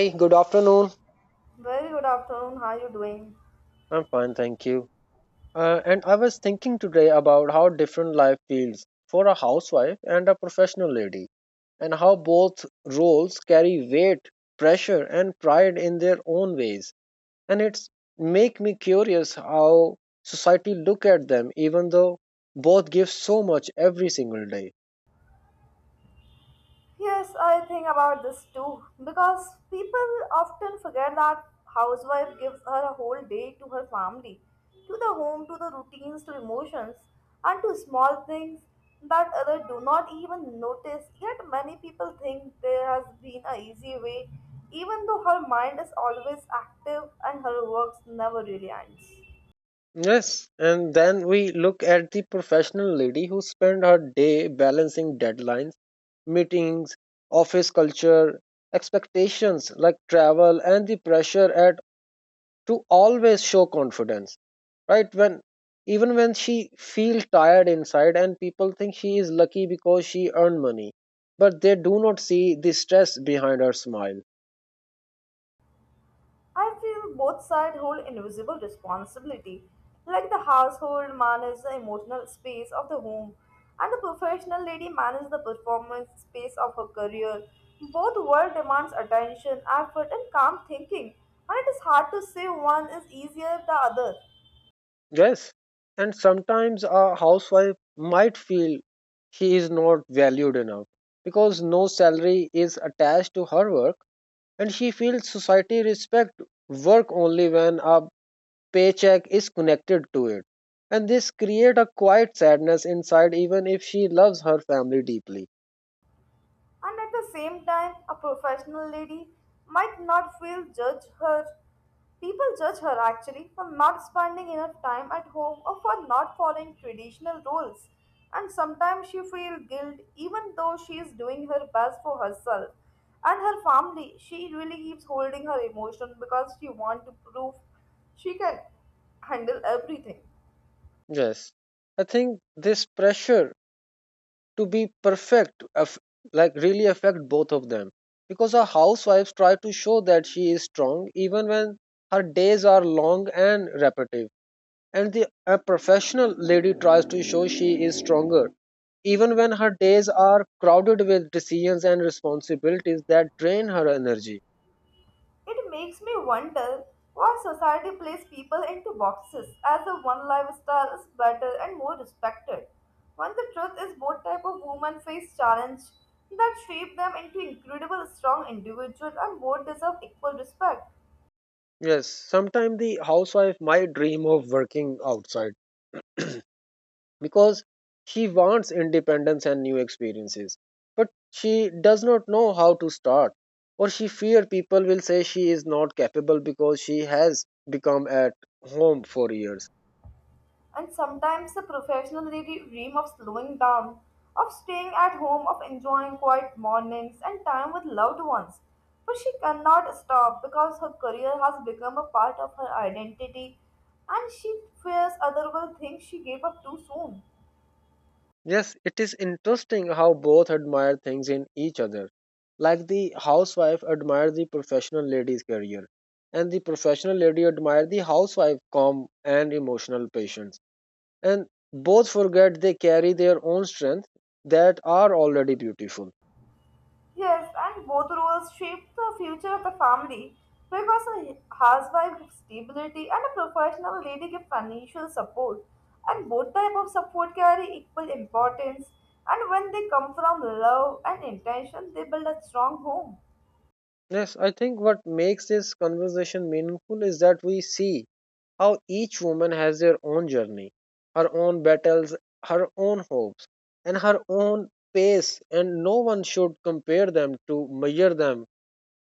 Hey, good afternoon. Very good afternoon. How are you doing? I'm fine, thank you. And I was thinking today about how different life feels for a housewife and a professional lady, and how both roles carry weight, pressure, and pride in their own ways. And it's make me curious how society look at them, even though both give so much every single day. Yes, I think about this too because people often forget that housewife gives her a whole day to her family, to the home, to the routines, to emotions, and to small things that others do not even notice. Yet many people think there has been a easy way, even though her mind is always active and her works never really ends. Yes, and then we look at the professional lady who spent her day balancing deadlines, meetings, office culture, expectations like travel and the pressure at to always show confidence, right? When even when she feels tired inside and people think she is lucky because she earned money, but they do not see the stress behind her smile. I feel both sides hold invisible responsibility. Like the household manages the emotional space of the home, and the professional lady manages the performance space of her career. Both world demands attention, effort, and calm thinking, and it is hard to say one is easier than the other. Yes, and sometimes a housewife might feel she is not valued enough because no salary is attached to her work, and she feels society respect work only when a paycheck is connected to it. And this create a quiet sadness inside, even if she loves her family deeply. And at the same time, a professional lady might not feel judge her. People judge her actually for not spending enough time at home or for not following traditional rules. And sometimes she feels guilt even though she is doing her best for herself and her family. She really keeps holding her emotion because she wants to prove she can handle everything. Yes, I think this pressure to be perfect like really affect both of them because a housewife tries to show that she is strong even when her days are long and repetitive, and the a professional lady tries to show she is stronger even when her days are crowded with decisions and responsibilities that drain her energy. It makes me wonder why society places people into boxes as if one lifestyle is better and more respected, when the truth is both type of women face challenge that shape them into incredible strong individuals and both deserve equal respect. Yes, sometimes the housewife might dream of working outside because she wants independence and new experiences, but she does not know how to start, or she fear people will say she is not capable because she has become at home for years. And sometimes the professional lady dream of slowing down, of staying at home, of enjoying quiet mornings and time with loved ones. But she cannot stop because her career has become a part of her identity and she fears others will think she gave up too soon. Yes, it is interesting how both admire things in each other, like the housewife admires the professional lady's career and the professional lady admires the housewife calm and emotional patience, and both forget they carry their own strength that are already beautiful. Yes, and both roles shape the future of the family because a housewife gives stability and a professional lady gives financial support. And both type of support carry equal importance. And when they come from love and intention, they build a strong home. Yes, I think what makes this conversation meaningful is that we see how each woman has their own journey, her own battles, her own hopes, and her own pace, and no one should compare them to measure them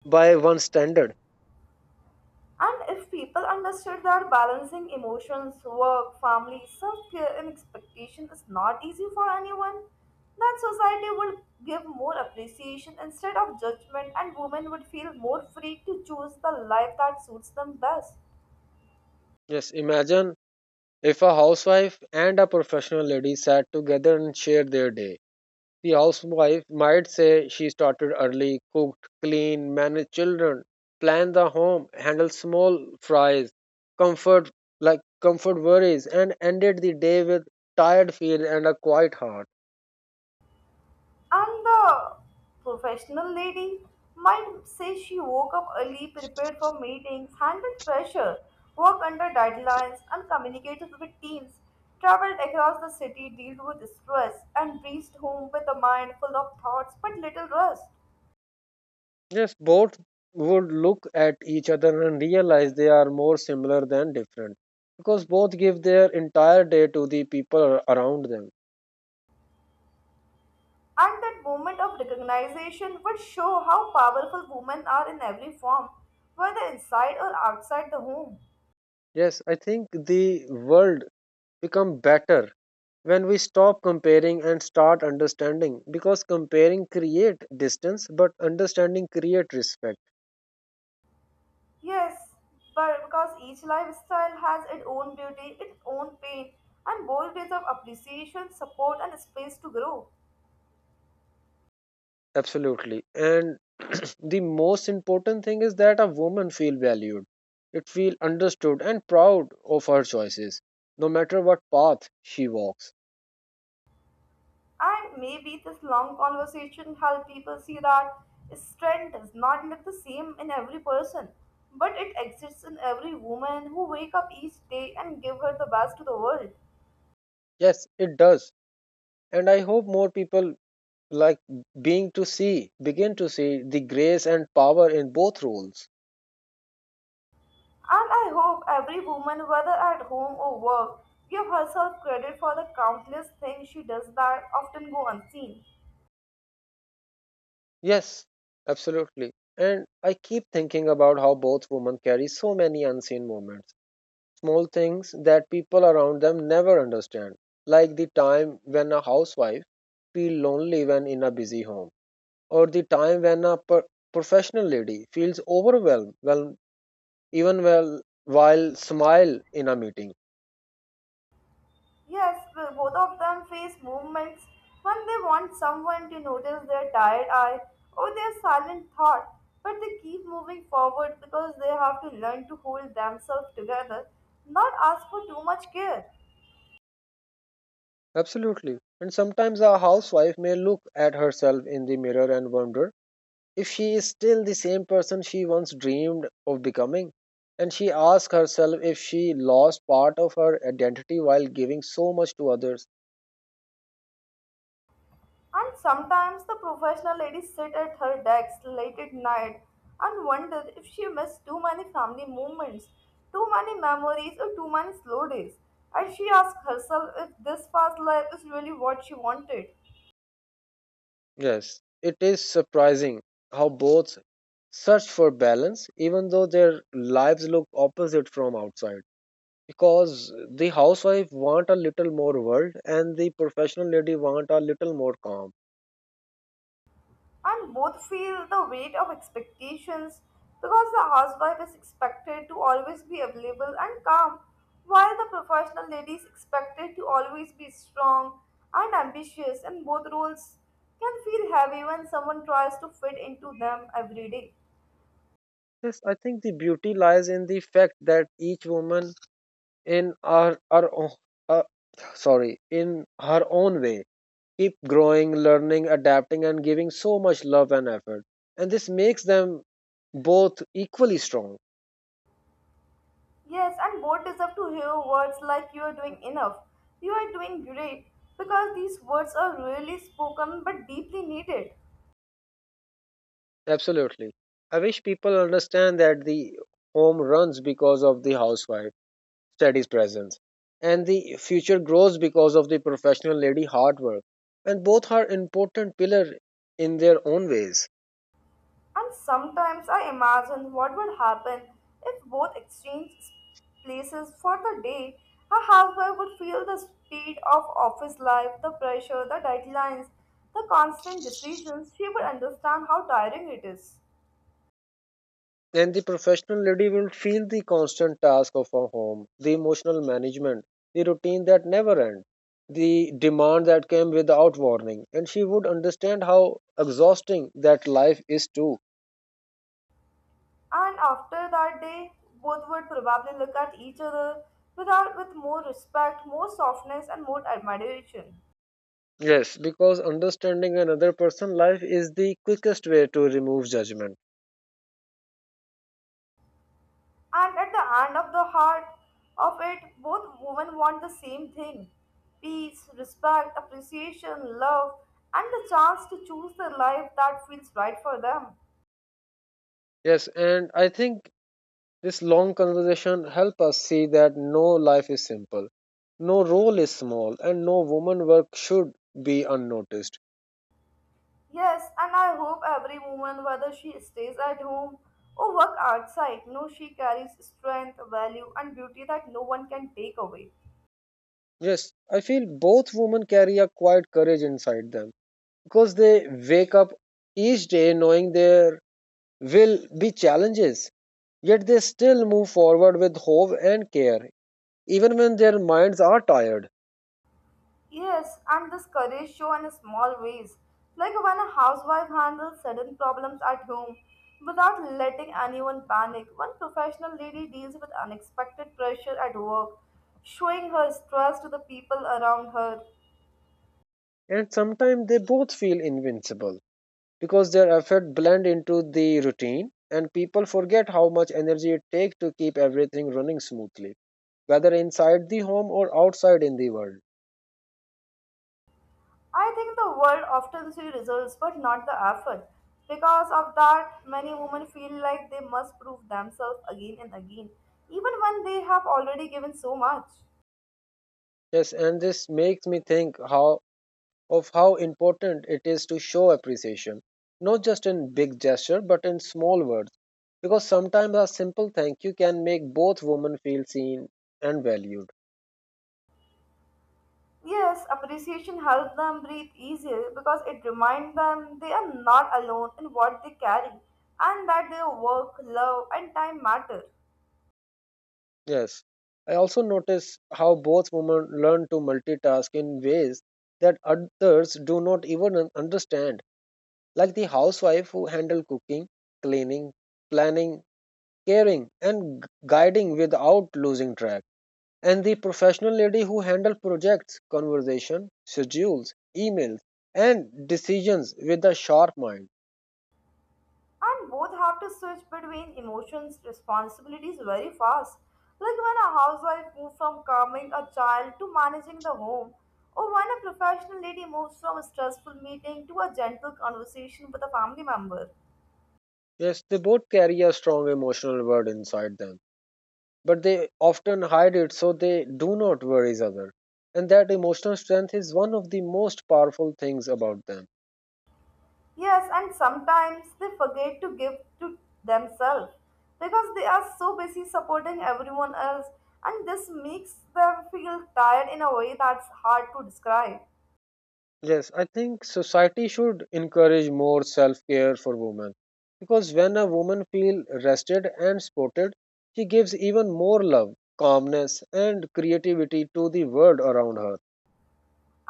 by one standard. And if people understood that balancing emotions, work, family, self care, and expectation is not easy for anyone, then society would give more appreciation instead of judgment, and women would feel more free to choose the life that suits them best. Yes, imagine if a housewife and a professional lady sat together and shared their day. The housewife might say she started early, cooked, cleaned, managed children, planned the home, handled small fries, comfort like comfort worries, and ended the day with tired feet and a quiet heart. And the professional lady might say she woke up early, prepared for meetings, handled pressure, worked under deadlines, and communicated with teams, traveled across the city, dealt with stress, and reached home with a mind full of thoughts but little rest. Yes, both would look at each other and realize they are more similar than different because both give their entire day to the people around them. And that moment of recognition would show how powerful women are in every form, whether inside or outside the home. Yes, I think the world become better when we stop comparing and start understanding, because comparing create distance but understanding create respect. Yes, but because each lifestyle has its own beauty, its own pain, and both deserve appreciation, support, and space to grow. Absolutely, and the most important thing is that a woman feel valued, it feel understood and proud of her choices, no matter what path she walks. And maybe this long conversation help people see that strength does not look the same in every person, but it exists in every woman who wake up each day and give her the best to the world. Yes, it does, and I hope more people like being to see begin to see the grace and power in both roles. And I hope every woman, whether at home or work, give herself credit for the countless things she does that often go unseen. Yes, absolutely. And I keep thinking about how both women carry so many unseen moments, small things that people around them never understand, like the time when a housewife feels lonely when in a busy home, or the time when a professional lady feels overwhelmed when, even well, while smile in a meeting. Yes, well, both of them face movements when they want someone to notice their tired eye or their silent thought, but they keep moving forward because they have to learn to hold themselves together, not ask for too much care. Absolutely. And sometimes a housewife may look at herself in the mirror and wonder if she is still the same person she once dreamed of becoming, and she asks herself if she lost part of her identity while giving so much to others. And sometimes the professional lady sit at her desk late at night and wonder if she missed too many family moments, too many memories, or too many slow days. And she asks herself if this fast life is really what she wanted. Yes. It is surprising how both search for balance even though their lives look opposite from outside, because the housewife want a little more world and the professional lady want a little more calm. And both feel the weight of expectations because the housewife is expected to always be available and calm, while the professional lady is expected to always be strong and ambitious, and both roles can feel heavy when someone tries to fit into them every day. Yes, I think the beauty lies in the fact that each woman in our o- uh, sorry, in her own way keep growing, learning, adapting, and giving so much love and effort, and this makes them both equally strong. Yes, and both deserve to hear words like you are doing enough, you are doing great, because these words are rarely spoken but deeply needed. Absolutely, I wish people understand that the home runs because of the housewife steady presence and the future grows because of the professional lady hard work, and both are important pillar in their own ways. And sometimes I imagine what would happen if both exchanged places for the day. A housewife would feel the speed of office life, the pressure, the deadlines, the constant decisions. She would understand how tiring it is. And the professional lady will feel the constant task of a home, the emotional management, the routine that never ends, the demand that came without warning, and she would understand how exhausting that life is too. And after that day, both would probably look at each other without with more respect, more softness, and more admiration. Yes, because understanding another person's life is the quickest way to remove judgment. And at the end of the heart of it, both women want the same thing peace, respect, appreciation, love, and the chance to choose the life that feels right for them. Yes, and I think this long conversation help us see that no life is simple, no role is small, and no woman work should be unnoticed. Yes, and I hope every woman, whether she stays at home or work outside, knows she carries strength, value, and beauty that no one can take away. Yes, I feel both women carry a quiet courage inside them because they wake up each day knowing there will be challenges, yet they still move forward with hope and care, even when their minds are tired. Yes, and this courage show in small ways, like when a housewife handles sudden problems at home without letting anyone panic. One professional lady deals with unexpected pressure at work, showing her stress to the people around her. And sometimes they both feel invincible because their effort blend into the routine and people forget how much energy it takes to keep everything running smoothly, whether inside the home or outside in the world. I think the world often sees results but not the effort. Because of that, many women feel like they must prove themselves again and again, even when they have already given so much. Yes, and this makes me think how important it is to show appreciation, not just in big gesture but in small words. Because sometimes a simple thank you can make both women feel seen and valued. Yes, appreciation helps them breathe easier because it reminds them they are not alone in what they carry and that their work, love, and time matter. Yes. I also notice how both women learn to multitask in ways that others do not even understand, like the housewife who handle cooking, cleaning, planning, caring, and guiding without losing track, and the professional lady who handle projects, conversation, schedules, emails, and decisions with a sharp mind. And both have to switch between emotions, responsibilities very fast. Like when a housewife moves from calming a child to managing the home, or when a professional lady moves from a stressful meeting to a gentle conversation with a family member. Yes, they both carry a strong emotional word inside them, but they often hide it so they do not worry others. And that emotional strength is one of the most powerful things about them. Yes, and sometimes they forget to give to themselves because they are so busy supporting everyone else, and this makes them feel tired in a way that's hard to describe. Yes, I think society should encourage more self care for women because when a woman feels rested and supported, she gives even more love, calmness, and creativity to the world around her.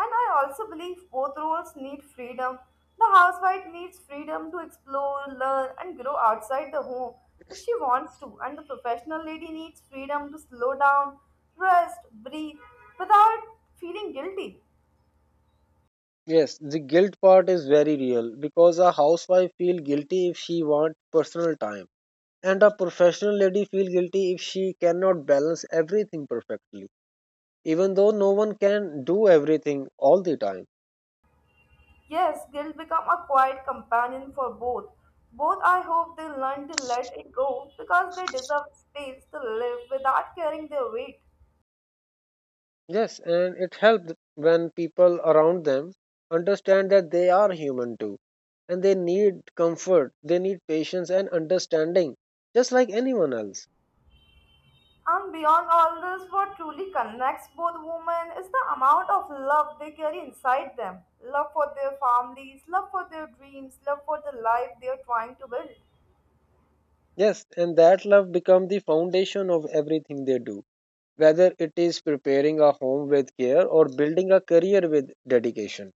And I also believe both roles need freedom. The housewife needs freedom to explore, learn, and grow outside the home if she wants to, and the professional lady needs freedom to slow down, rest, breathe without feeling guilty. Yes, the guilt part is very real because a housewife feel guilty if she wants personal time, and a professional lady feel guilty if she cannot balance everything perfectly, even though no one can do everything all the time. Yes, guilt become a quiet companion for both. Both I hope they learn to let it go because they deserve space to live without carrying their weight. Yes, and it helps when people around them understand that they are human too, and they need comfort, they need patience and understanding, just like anyone else. And beyond all this, what truly connects both women is the amount of love they carry inside them. Love for their families, love for their dreams, love for the life they are trying to build. Yes, and that love becomes the foundation of everything they do, whether it is preparing a home with care or building a career with dedication.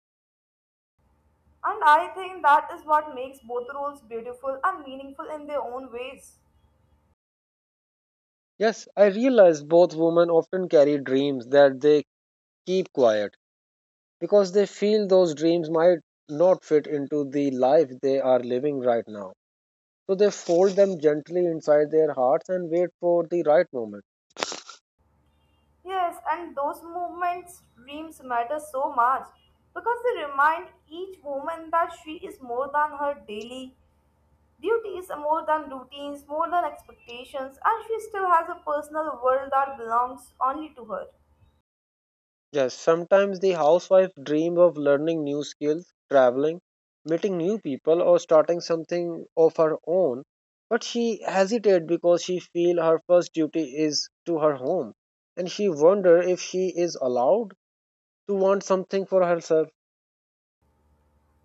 And I think that is what makes both roles beautiful and meaningful in their own ways. Yes, I realize both women often carry dreams that they keep quiet because they feel those dreams might not fit into the life they are living right now. So they fold them gently inside their hearts and wait for the right moment. Yes, and those movements, dreams matter so much because they remind each woman that she is more than her daily duties, more than routines, more than expectations, and she still has a personal world that belongs only to her. Yes, sometimes the housewife dreams of learning new skills, traveling, meeting new people, or starting something of her own, but she hesitates because she feels her first duty is to her home, and she wonders if she is allowed to want something for herself.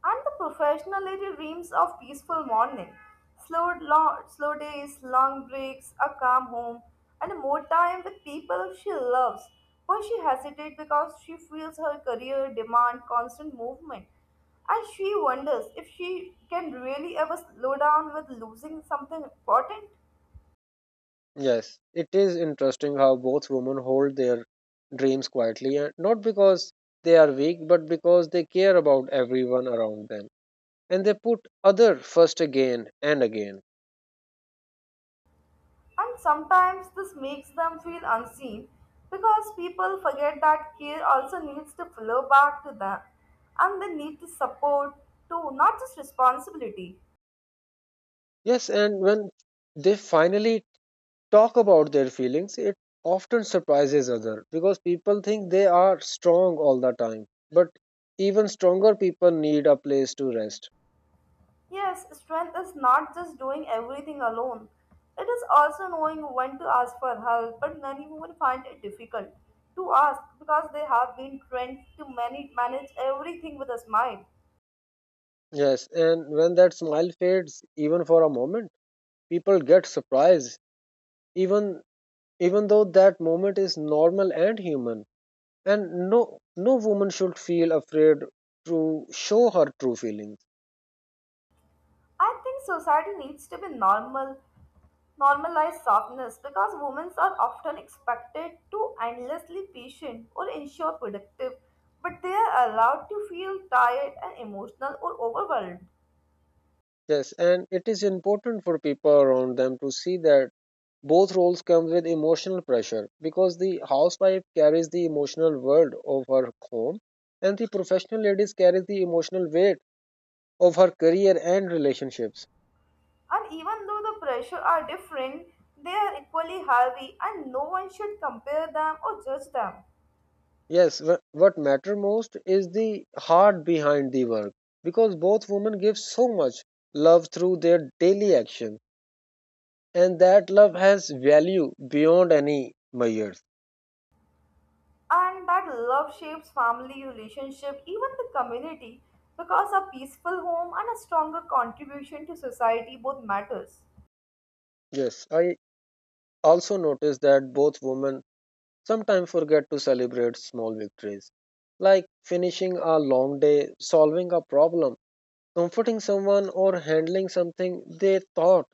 And the professional lady dreams of peaceful morning, slow, long, slow days, long breaks, a calm home, and more time with people she loves. But she hesitates because she feels her career demand constant movement, and she wonders if she can really ever slow down with losing something important. Yes, it is interesting how both women hold their dreams quietly, and not because they are weak, but because they care about everyone around them. And they put other first again and again. And sometimes this makes them feel unseen because people forget that care also needs to flow back to them and they need to support too, not just responsibility. Yes, and when they finally talk about their feelings, it often surprises other because people think they are strong all the time. But even stronger people need a place to rest. Yes, strength is not just doing everything alone. It is also knowing when to ask for help, but many women find it difficult to ask because they have been trained to manage everything with a smile. Yes, and when that smile fades, even for a moment, people get surprised, even though that moment is normal and human, and no woman should feel afraid to show her true feelings. I think society needs to be normal normalize softness because women are often expected to endlessly patient or ensure productive, but they are allowed to feel tired and emotional or overwhelmed. Yes, and it is important for people around them to see that both roles come with emotional pressure, because the housewife carries the emotional world of her home and the professional ladies carries the emotional weight of her career and relationships. And even though the pressure are different, they are equally heavy and no one should compare them or judge them. Yes, what matter most is the heart behind the work because both women give so much love through their daily action, and that love has value beyond any measures. And that love shapes family relationship, even the community, because a peaceful home and a stronger contribution to society both matters. Yes, I also noticed that both women sometimes forget to celebrate small victories like finishing a long day, solving a problem, comforting someone, or handling something they thought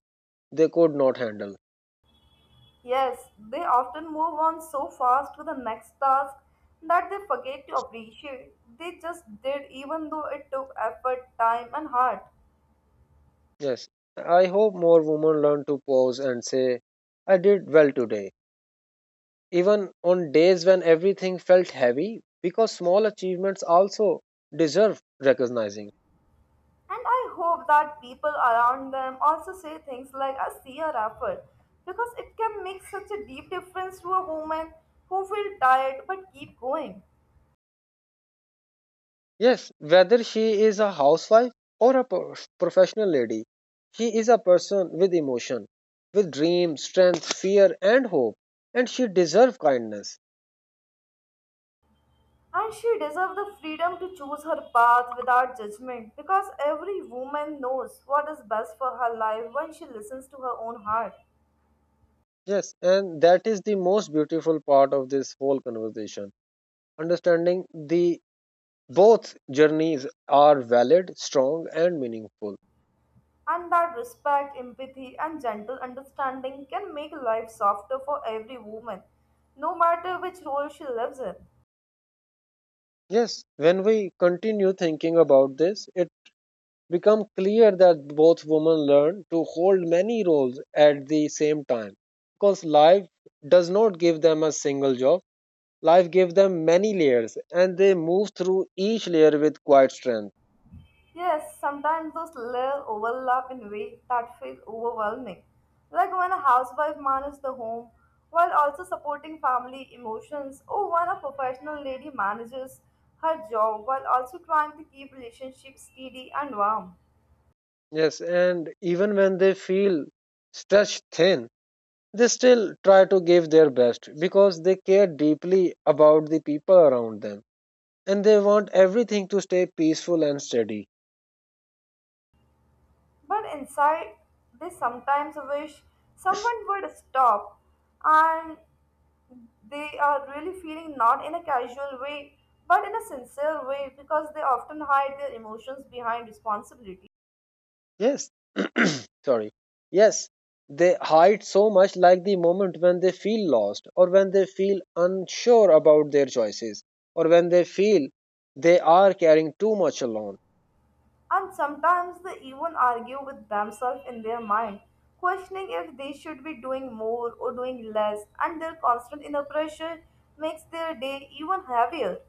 they could not handle. Yes, they often move on so fast to the next task that they forget to appreciate. They just did, even though it took effort, time, and heart. Yes, I hope more women learn to pause and say, I did well today, even on days when everything felt heavy, because small achievements also deserve recognizing. And I hope that people around them also say things like, I see your effort, because it can make such a deep difference to a woman who feels tired but keep going. Yes, whether she is a housewife or a professional lady, she is a person with emotion, with dreams, strength, fear, and hope, and she deserves kindness. And she deserves the freedom to choose her path without judgment, because every woman knows what is best for her life when she listens to her own heart. Yes, and that is the most beautiful part of this whole conversation, understanding the both journeys are valid, strong, and meaningful. And that respect, empathy, and gentle understanding can make life softer for every woman, no matter which role she lives in. Yes, when we continue thinking about this, it becomes clear that both women learn to hold many roles at the same time. Because life does not give them a single job, life gives them many layers, and they move through each layer with quiet strength. Yes, sometimes those layers overlap in ways that feel overwhelming, like when a housewife manages the home while also supporting family emotions, or when a professional lady manages her job while also trying to keep relationships steady and warm. Yes, and even when they feel stretched thin, they still try to give their best because they care deeply about the people around them, and they want everything to stay peaceful and steady. But inside, they sometimes wish someone would stop, and they are really feeling not in a casual way, but in a sincere way because they often hide their emotions behind responsibility. Yes, sorry. Yes, they hide so much, like the moment when they feel lost, or when they feel unsure about their choices, or when they feel they are carrying too much alone. And sometimes they even argue with themselves in their mind, questioning if they should be doing more or doing less, and their constant inner pressure makes their day even heavier.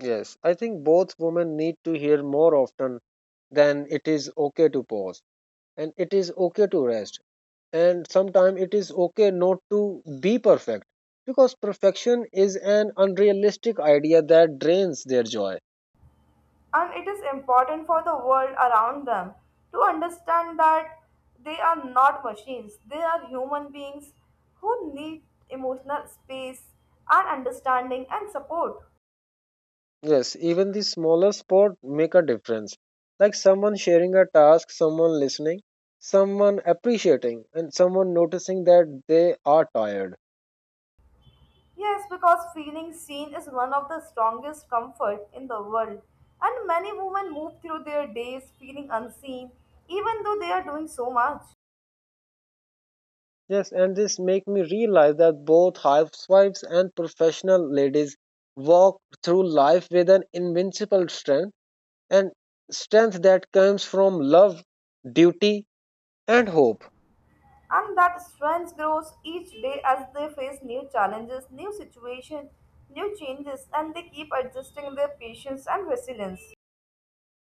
Yes, I think both women need to hear more often than it is okay to pause, and it is okay to rest, and sometimes it is okay not to be perfect, because perfection is an unrealistic idea that drains their joy. And it is important for the world around them to understand that they are not machines. They are human beings who need emotional space and understanding and support. Yes, even the smallest spot make a difference, like someone sharing a task, someone listening, someone appreciating, and someone noticing that they are tired. Yes, because feeling seen is one of the strongest comfort in the world, and many women move through their days feeling unseen even though they are doing so much. Yes, and this make me realize that both housewives and professional ladies walk through life with an invincible strength, and strength that comes from love, duty, and hope. And that strength grows each day as they face new challenges, new situations, new changes, and they keep adjusting their patience and resilience.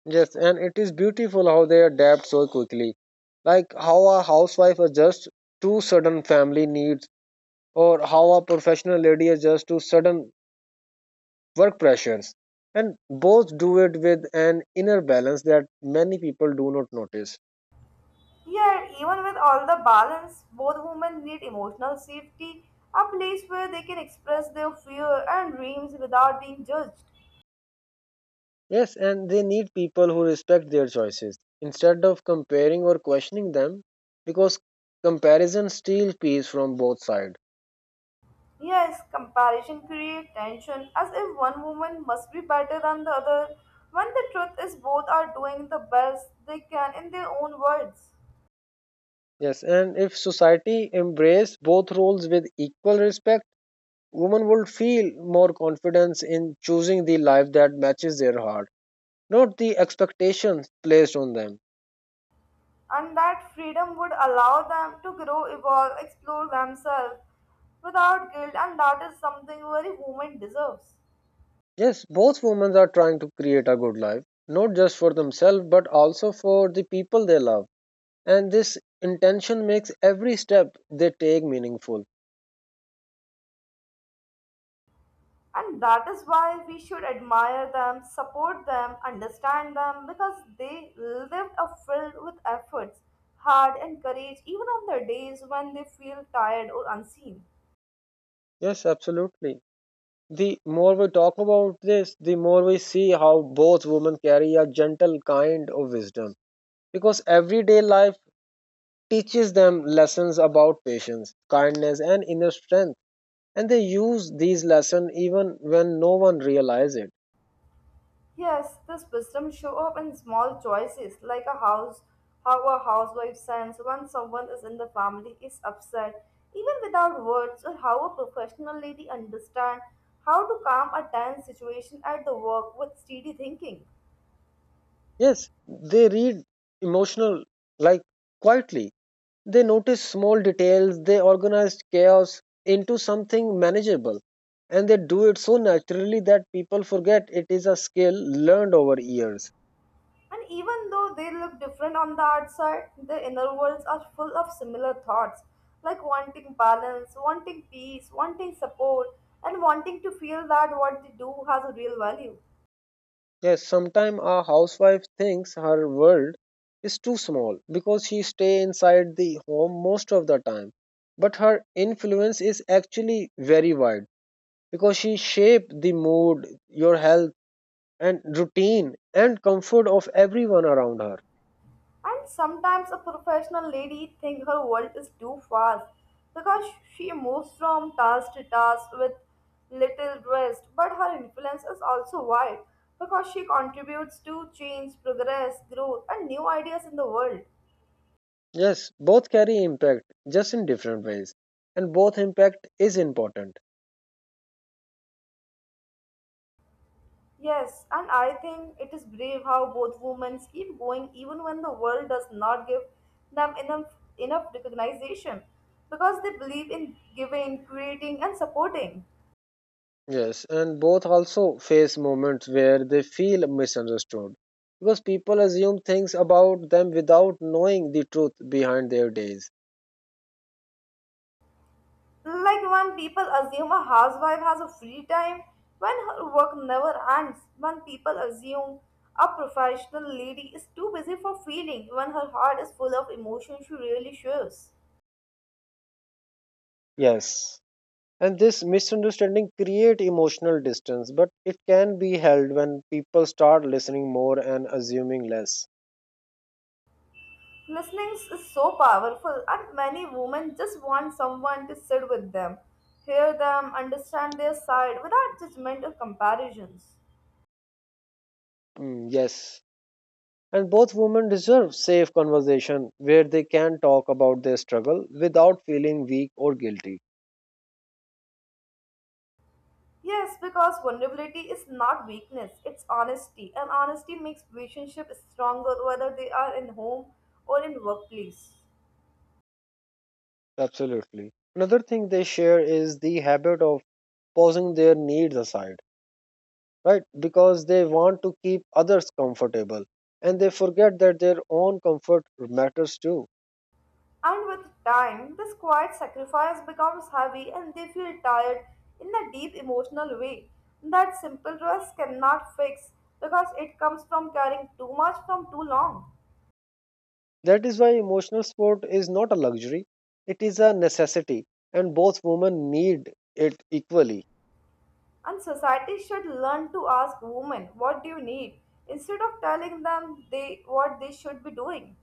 Yes, and it is beautiful how they adapt so quickly. Like how a housewife adjusts to sudden family needs, or how a professional lady adjusts to sudden work pressures. And both do it with an inner balance that many people do not notice. Yet, even with all the balance, both women need emotional safety, a place where they can express their fear and dreams without being judged. Yes, and they need people who respect their choices instead of comparing or questioning them, because comparison steals peace from both sides. Yes, comparison creates tension as if one woman must be better than the other, when the truth is both are doing the best they can in their own words. Yes, and if society embraced both roles with equal respect, women would feel more confidence in choosing the life that matches their heart, not the expectations placed on them. And that freedom would allow them to grow, evolve, explore themselves without guilt, and that is something every woman deserves. Yes, both women are trying to create a good life, not just for themselves but also for the people they love. And this intention makes every step they take meaningful. And that is why we should admire them, support them, understand them, because they lived a filled with efforts, hard and courage, even on the days when they feel tired or unseen. Yes, absolutely. The more we talk about this, the more we see how both women carry a gentle kind of wisdom, because everyday life teaches them lessons about patience, kindness, and inner strength. And they use these lessons even when no one realizes it. Yes, this wisdom show up in small choices, like a house, how a housewife sends when someone is in the family is upset, even without words, or how a professional lady understand how to calm a tense situation at the work with steady thinking. Yes, they read emotional, like, quietly. They notice small details, they organize chaos into something manageable. And they do it so naturally that people forget it is a skill learned over years. And even though they look different on the outside, their inner worlds are full of similar thoughts, like wanting balance, wanting peace, wanting support, and wanting to feel that what they do has a real value. Yes, sometimes a housewife thinks her world is too small because she stay inside the home most of the time. But her influence is actually very wide, because she shape the mood, your health and routine and comfort of everyone around her. And sometimes a professional lady thinks her world is too fast because she moves from task to task with little rest. But her influence is also wide because she contributes to change, progress, growth, and new ideas in the world. Yes, both carry impact, just in different ways, and both impact is important. Yes, and I think it is brave how both women keep going even when the world does not give them enough recognition, because they believe in giving, creating, and supporting. Yes, and both also face moments where they feel misunderstood, because people assume things about them without knowing the truth behind their days. Like when people assume a housewife has a free time when her work never ends, when people assume a professional lady is too busy for feeling, when her heart is full of emotion she really shows. Yes, and this misunderstanding create emotional distance, but it can be held when people start listening more and assuming less. Listening is so powerful, and many women just want someone to sit with them, hear them, understand their side without judgment or comparisons. Mm, yes. And both women deserve safe conversation where they can talk about their struggle without feeling weak or guilty. Yes, because vulnerability is not weakness, it's honesty. And honesty makes relationships stronger whether they are in home or in workplace. Absolutely. Another thing they share is the habit of pausing their needs aside, right? Because they want to keep others comfortable, and they forget that their own comfort matters too. And with time, this quiet sacrifice becomes heavy and they feel tired in a deep emotional way that simple trust cannot fix because it comes from carrying too much from too long. That is why emotional support is not a luxury, it is a necessity, and both women need it equally. And society should learn to ask women, what do you need, instead of telling them they what they should be doing.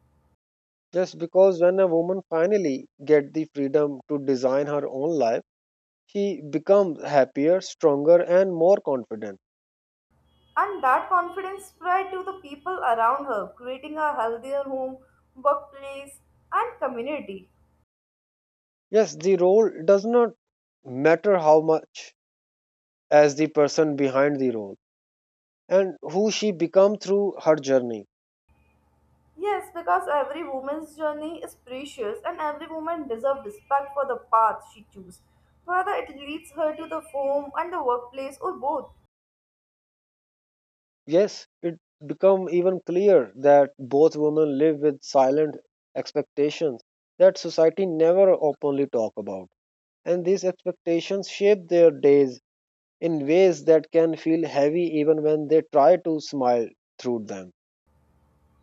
Just because when a woman finally get the freedom to design her own life, she becomes happier, stronger, and more confident. And that confidence spread to the people around her, creating a healthier home, workplace, and community. Yes, the role does not matter how much as the person behind the role, and who she become through her journey. Yes, because every woman's journey is precious and every woman deserves respect for the path she chooses, whether it leads her to the home and the workplace or both. Yes, it become even clear that both women live with silent expectations that society never openly talk about. And these expectations shape their days in ways that can feel heavy even when they try to smile through them.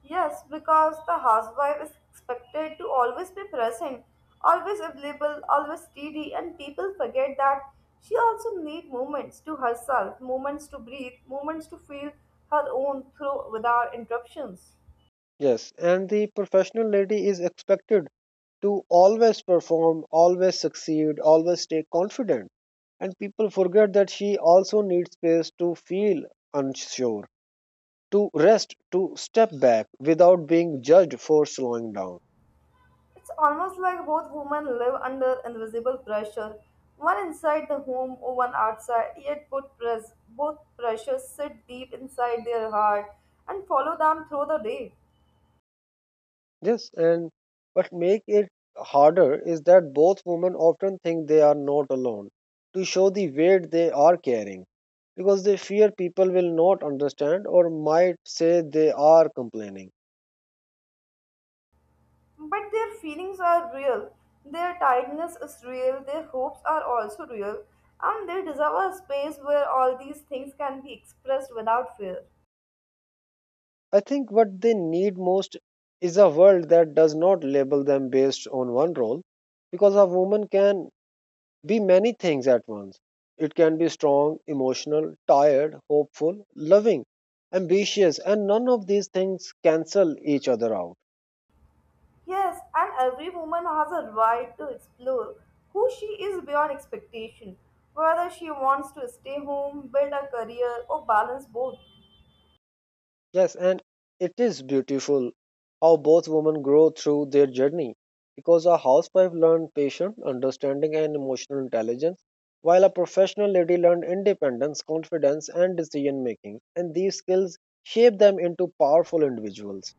Yes, because the housewife is expected to always be present, always available, always steady, and people forget that she also needs moments to herself, moments to breathe, moments to feel her own through without interruptions. Yes, and the professional lady is expected to always perform, always succeed, always stay confident, and people forget that she also needs space to feel unsure, to rest, to step back without being judged for slowing down. It's almost like both women live under invisible pressure, one inside the home, one outside, yet both pressures sit deep inside their heart and follow them through the day. Yes, and what make it harder is that both women often think they are not alone to show the weight they are carrying, because they fear people will not understand or might say they are complaining. But their feelings are real, their tiredness is real, their hopes are also real, and they deserve a space where all these things can be expressed without fear. I think what they need most is a world that does not label them based on one role, because a woman can be many things at once. It can be strong, emotional, tired, hopeful, loving, ambitious, and none of these things cancel each other out. Yes, and every woman has a right to explore who she is beyond expectation, whether she wants to stay home, build a career, or balance both. Yes, and it is beautiful how both women grow through their journey, because a housewife learned patience, understanding, and emotional intelligence, while a professional lady learned independence, confidence, and decision making. And these skills shape them into powerful individuals.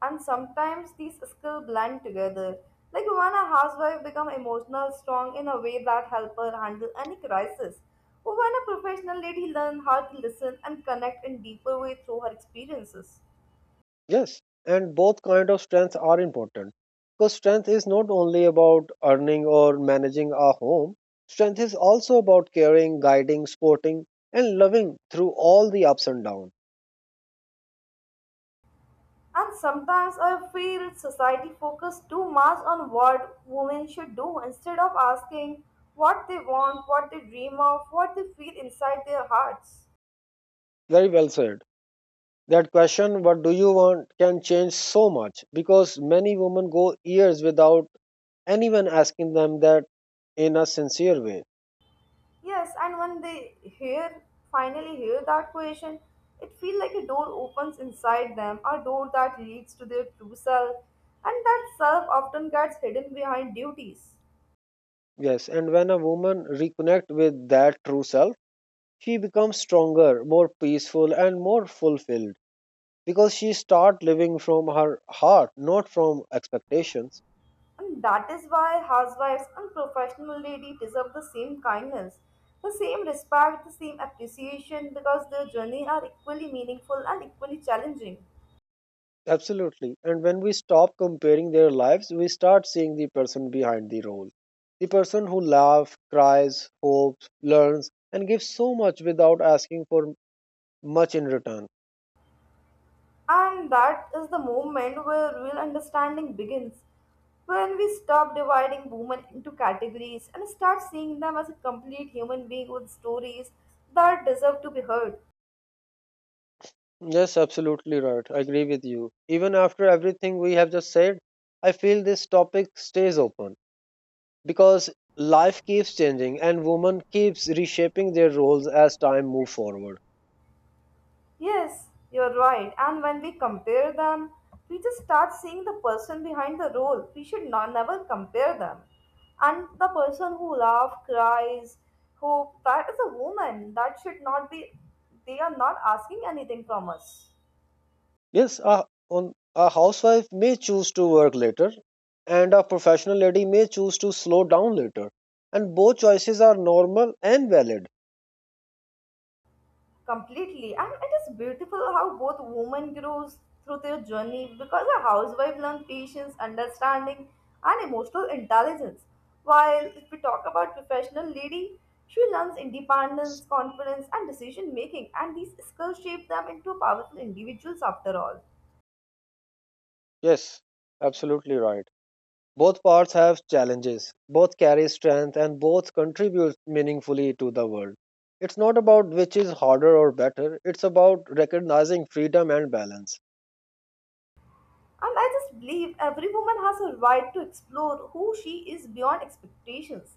And sometimes these skills blend together. Like when a housewife becomes emotional strong in a way that help her handle any crisis, or when a professional lady learns how to listen and connect in deeper way through her experiences. Yes, and both kind of strengths are important, because strength is not only about earning or managing a home. Strength is also about caring, guiding, supporting, and loving through all the ups and downs. And sometimes I feel society focuses too much on what women should do instead of asking what they want, what they dream of, what they feel inside their hearts. Very well said. That question, what do you want, can change so much because many women go years without anyone asking them that in a sincere way. Yes, and when they hear finally hear that question, it feels like a door opens inside them, a door that leads to their true self, and that self often gets hidden behind duties. Yes, and when a woman reconnect with that true self, she becomes stronger, more peaceful, and more fulfilled, because she start living from her heart, not from expectations. And that is why housewives and professional ladies deserve the same kindness, the same respect, the same appreciation, because their journey are equally meaningful and equally challenging. Absolutely. And when we stop comparing their lives, we start seeing the person behind the role, the person who laughs, cries, hopes, learns, and gives so much without asking for much in return. And that is the moment where real understanding begins. When we stop dividing women into categories and start seeing them as a complete human being with stories that deserve to be heard. Yes, absolutely right, I agree with you. Even after everything we have just said, I feel this topic stays open, because life keeps changing and women keeps reshaping their roles as time move forward. Yes, you're right. And when we compare them, we just start seeing the person behind the role. We should not, never compare them. And the person who laughs, cries, hope, that is a woman. That should not be, they are not asking anything from us. Yes, a, on, a housewife may choose to work later, and a professional lady may choose to slow down later. And both choices are normal and valid. Completely, and it is beautiful how both women grows through their journey, because a housewife learns patience, understanding, and emotional intelligence, while if we talk about professional lady, she learns independence, confidence, and decision making, and these skills shape them into powerful individuals after all. Yes, absolutely right. Both paths have challenges, both carry strength, and both contribute meaningfully to the world. It's not about which is harder or better, it's about recognizing freedom and balance. And I just believe every woman has a right to explore who she is beyond expectations.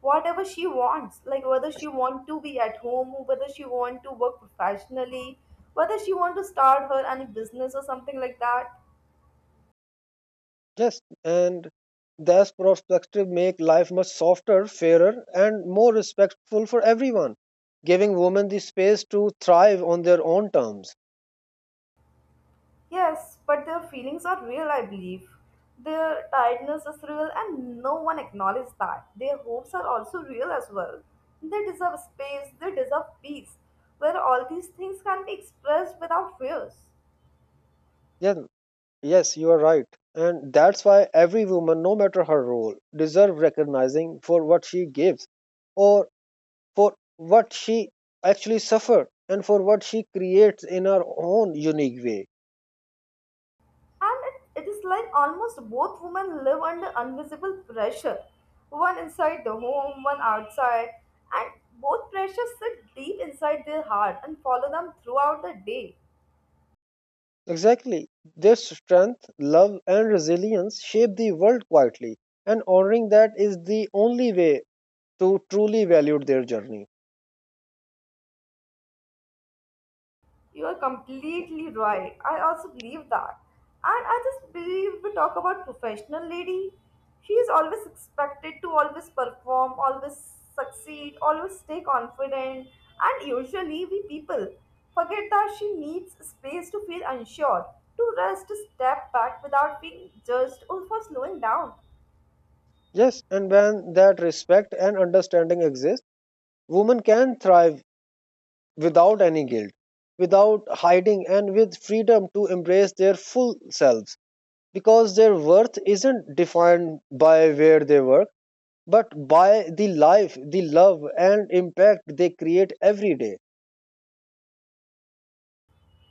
Whatever she wants, like whether she want to be at home, whether she want to work professionally, whether she want to start her any business or something like that. Yes, and those perspective make life much softer, fairer, and more respectful for everyone, giving women the space to thrive on their own terms. Yes, but their feelings are real, I believe. Their tiredness is real and no one acknowledges that. Their hopes are also real as well. They deserve space, they deserve peace, where all these things can be expressed without fears. Yes, yes, you are right. And that's why every woman, no matter her role, deserves recognizing for what she gives, or for what she actually suffered, and for what she creates in her own unique way. And it is like almost both women live under invisible pressure, one inside the home, one outside, and both pressures sit deep inside their heart and follow them throughout the day. Exactly. Their strength, love, and resilience shape the world quietly, and honoring that is the only way to truly value their journey. You are completely right. I also believe that. And I just believe we talk about professional lady. She is always expected to always perform, always succeed, always stay confident. And usually we people forget that she needs space to feel unsure, to rest, to step back without being judged or for slowing down. Yes, and when that respect and understanding exist, women can thrive without any guilt, without hiding, and with freedom to embrace their full selves, because their worth isn't defined by where they work, but by the life, the love, and impact they create every day.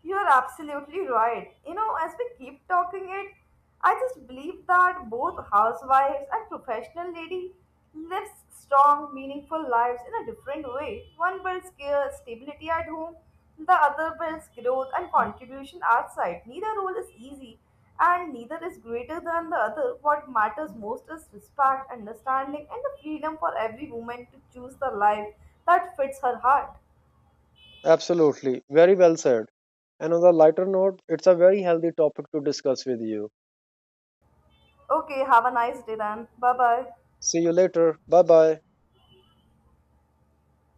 You're absolutely right. You know, as we keep talking it, I just believe that both housewives and professional lady lives strong, meaningful lives in a different way. One builds care, stability at home, the other builds growth and contribution outside. Neither role is easy and neither is greater than the other. What matters most is respect, understanding, and the freedom for every woman to choose the life that fits her heart. Absolutely. Very well said. And on a lighter note, it's a very healthy topic to discuss with you. Okay, have a nice day then. Bye bye. See you later. Bye bye.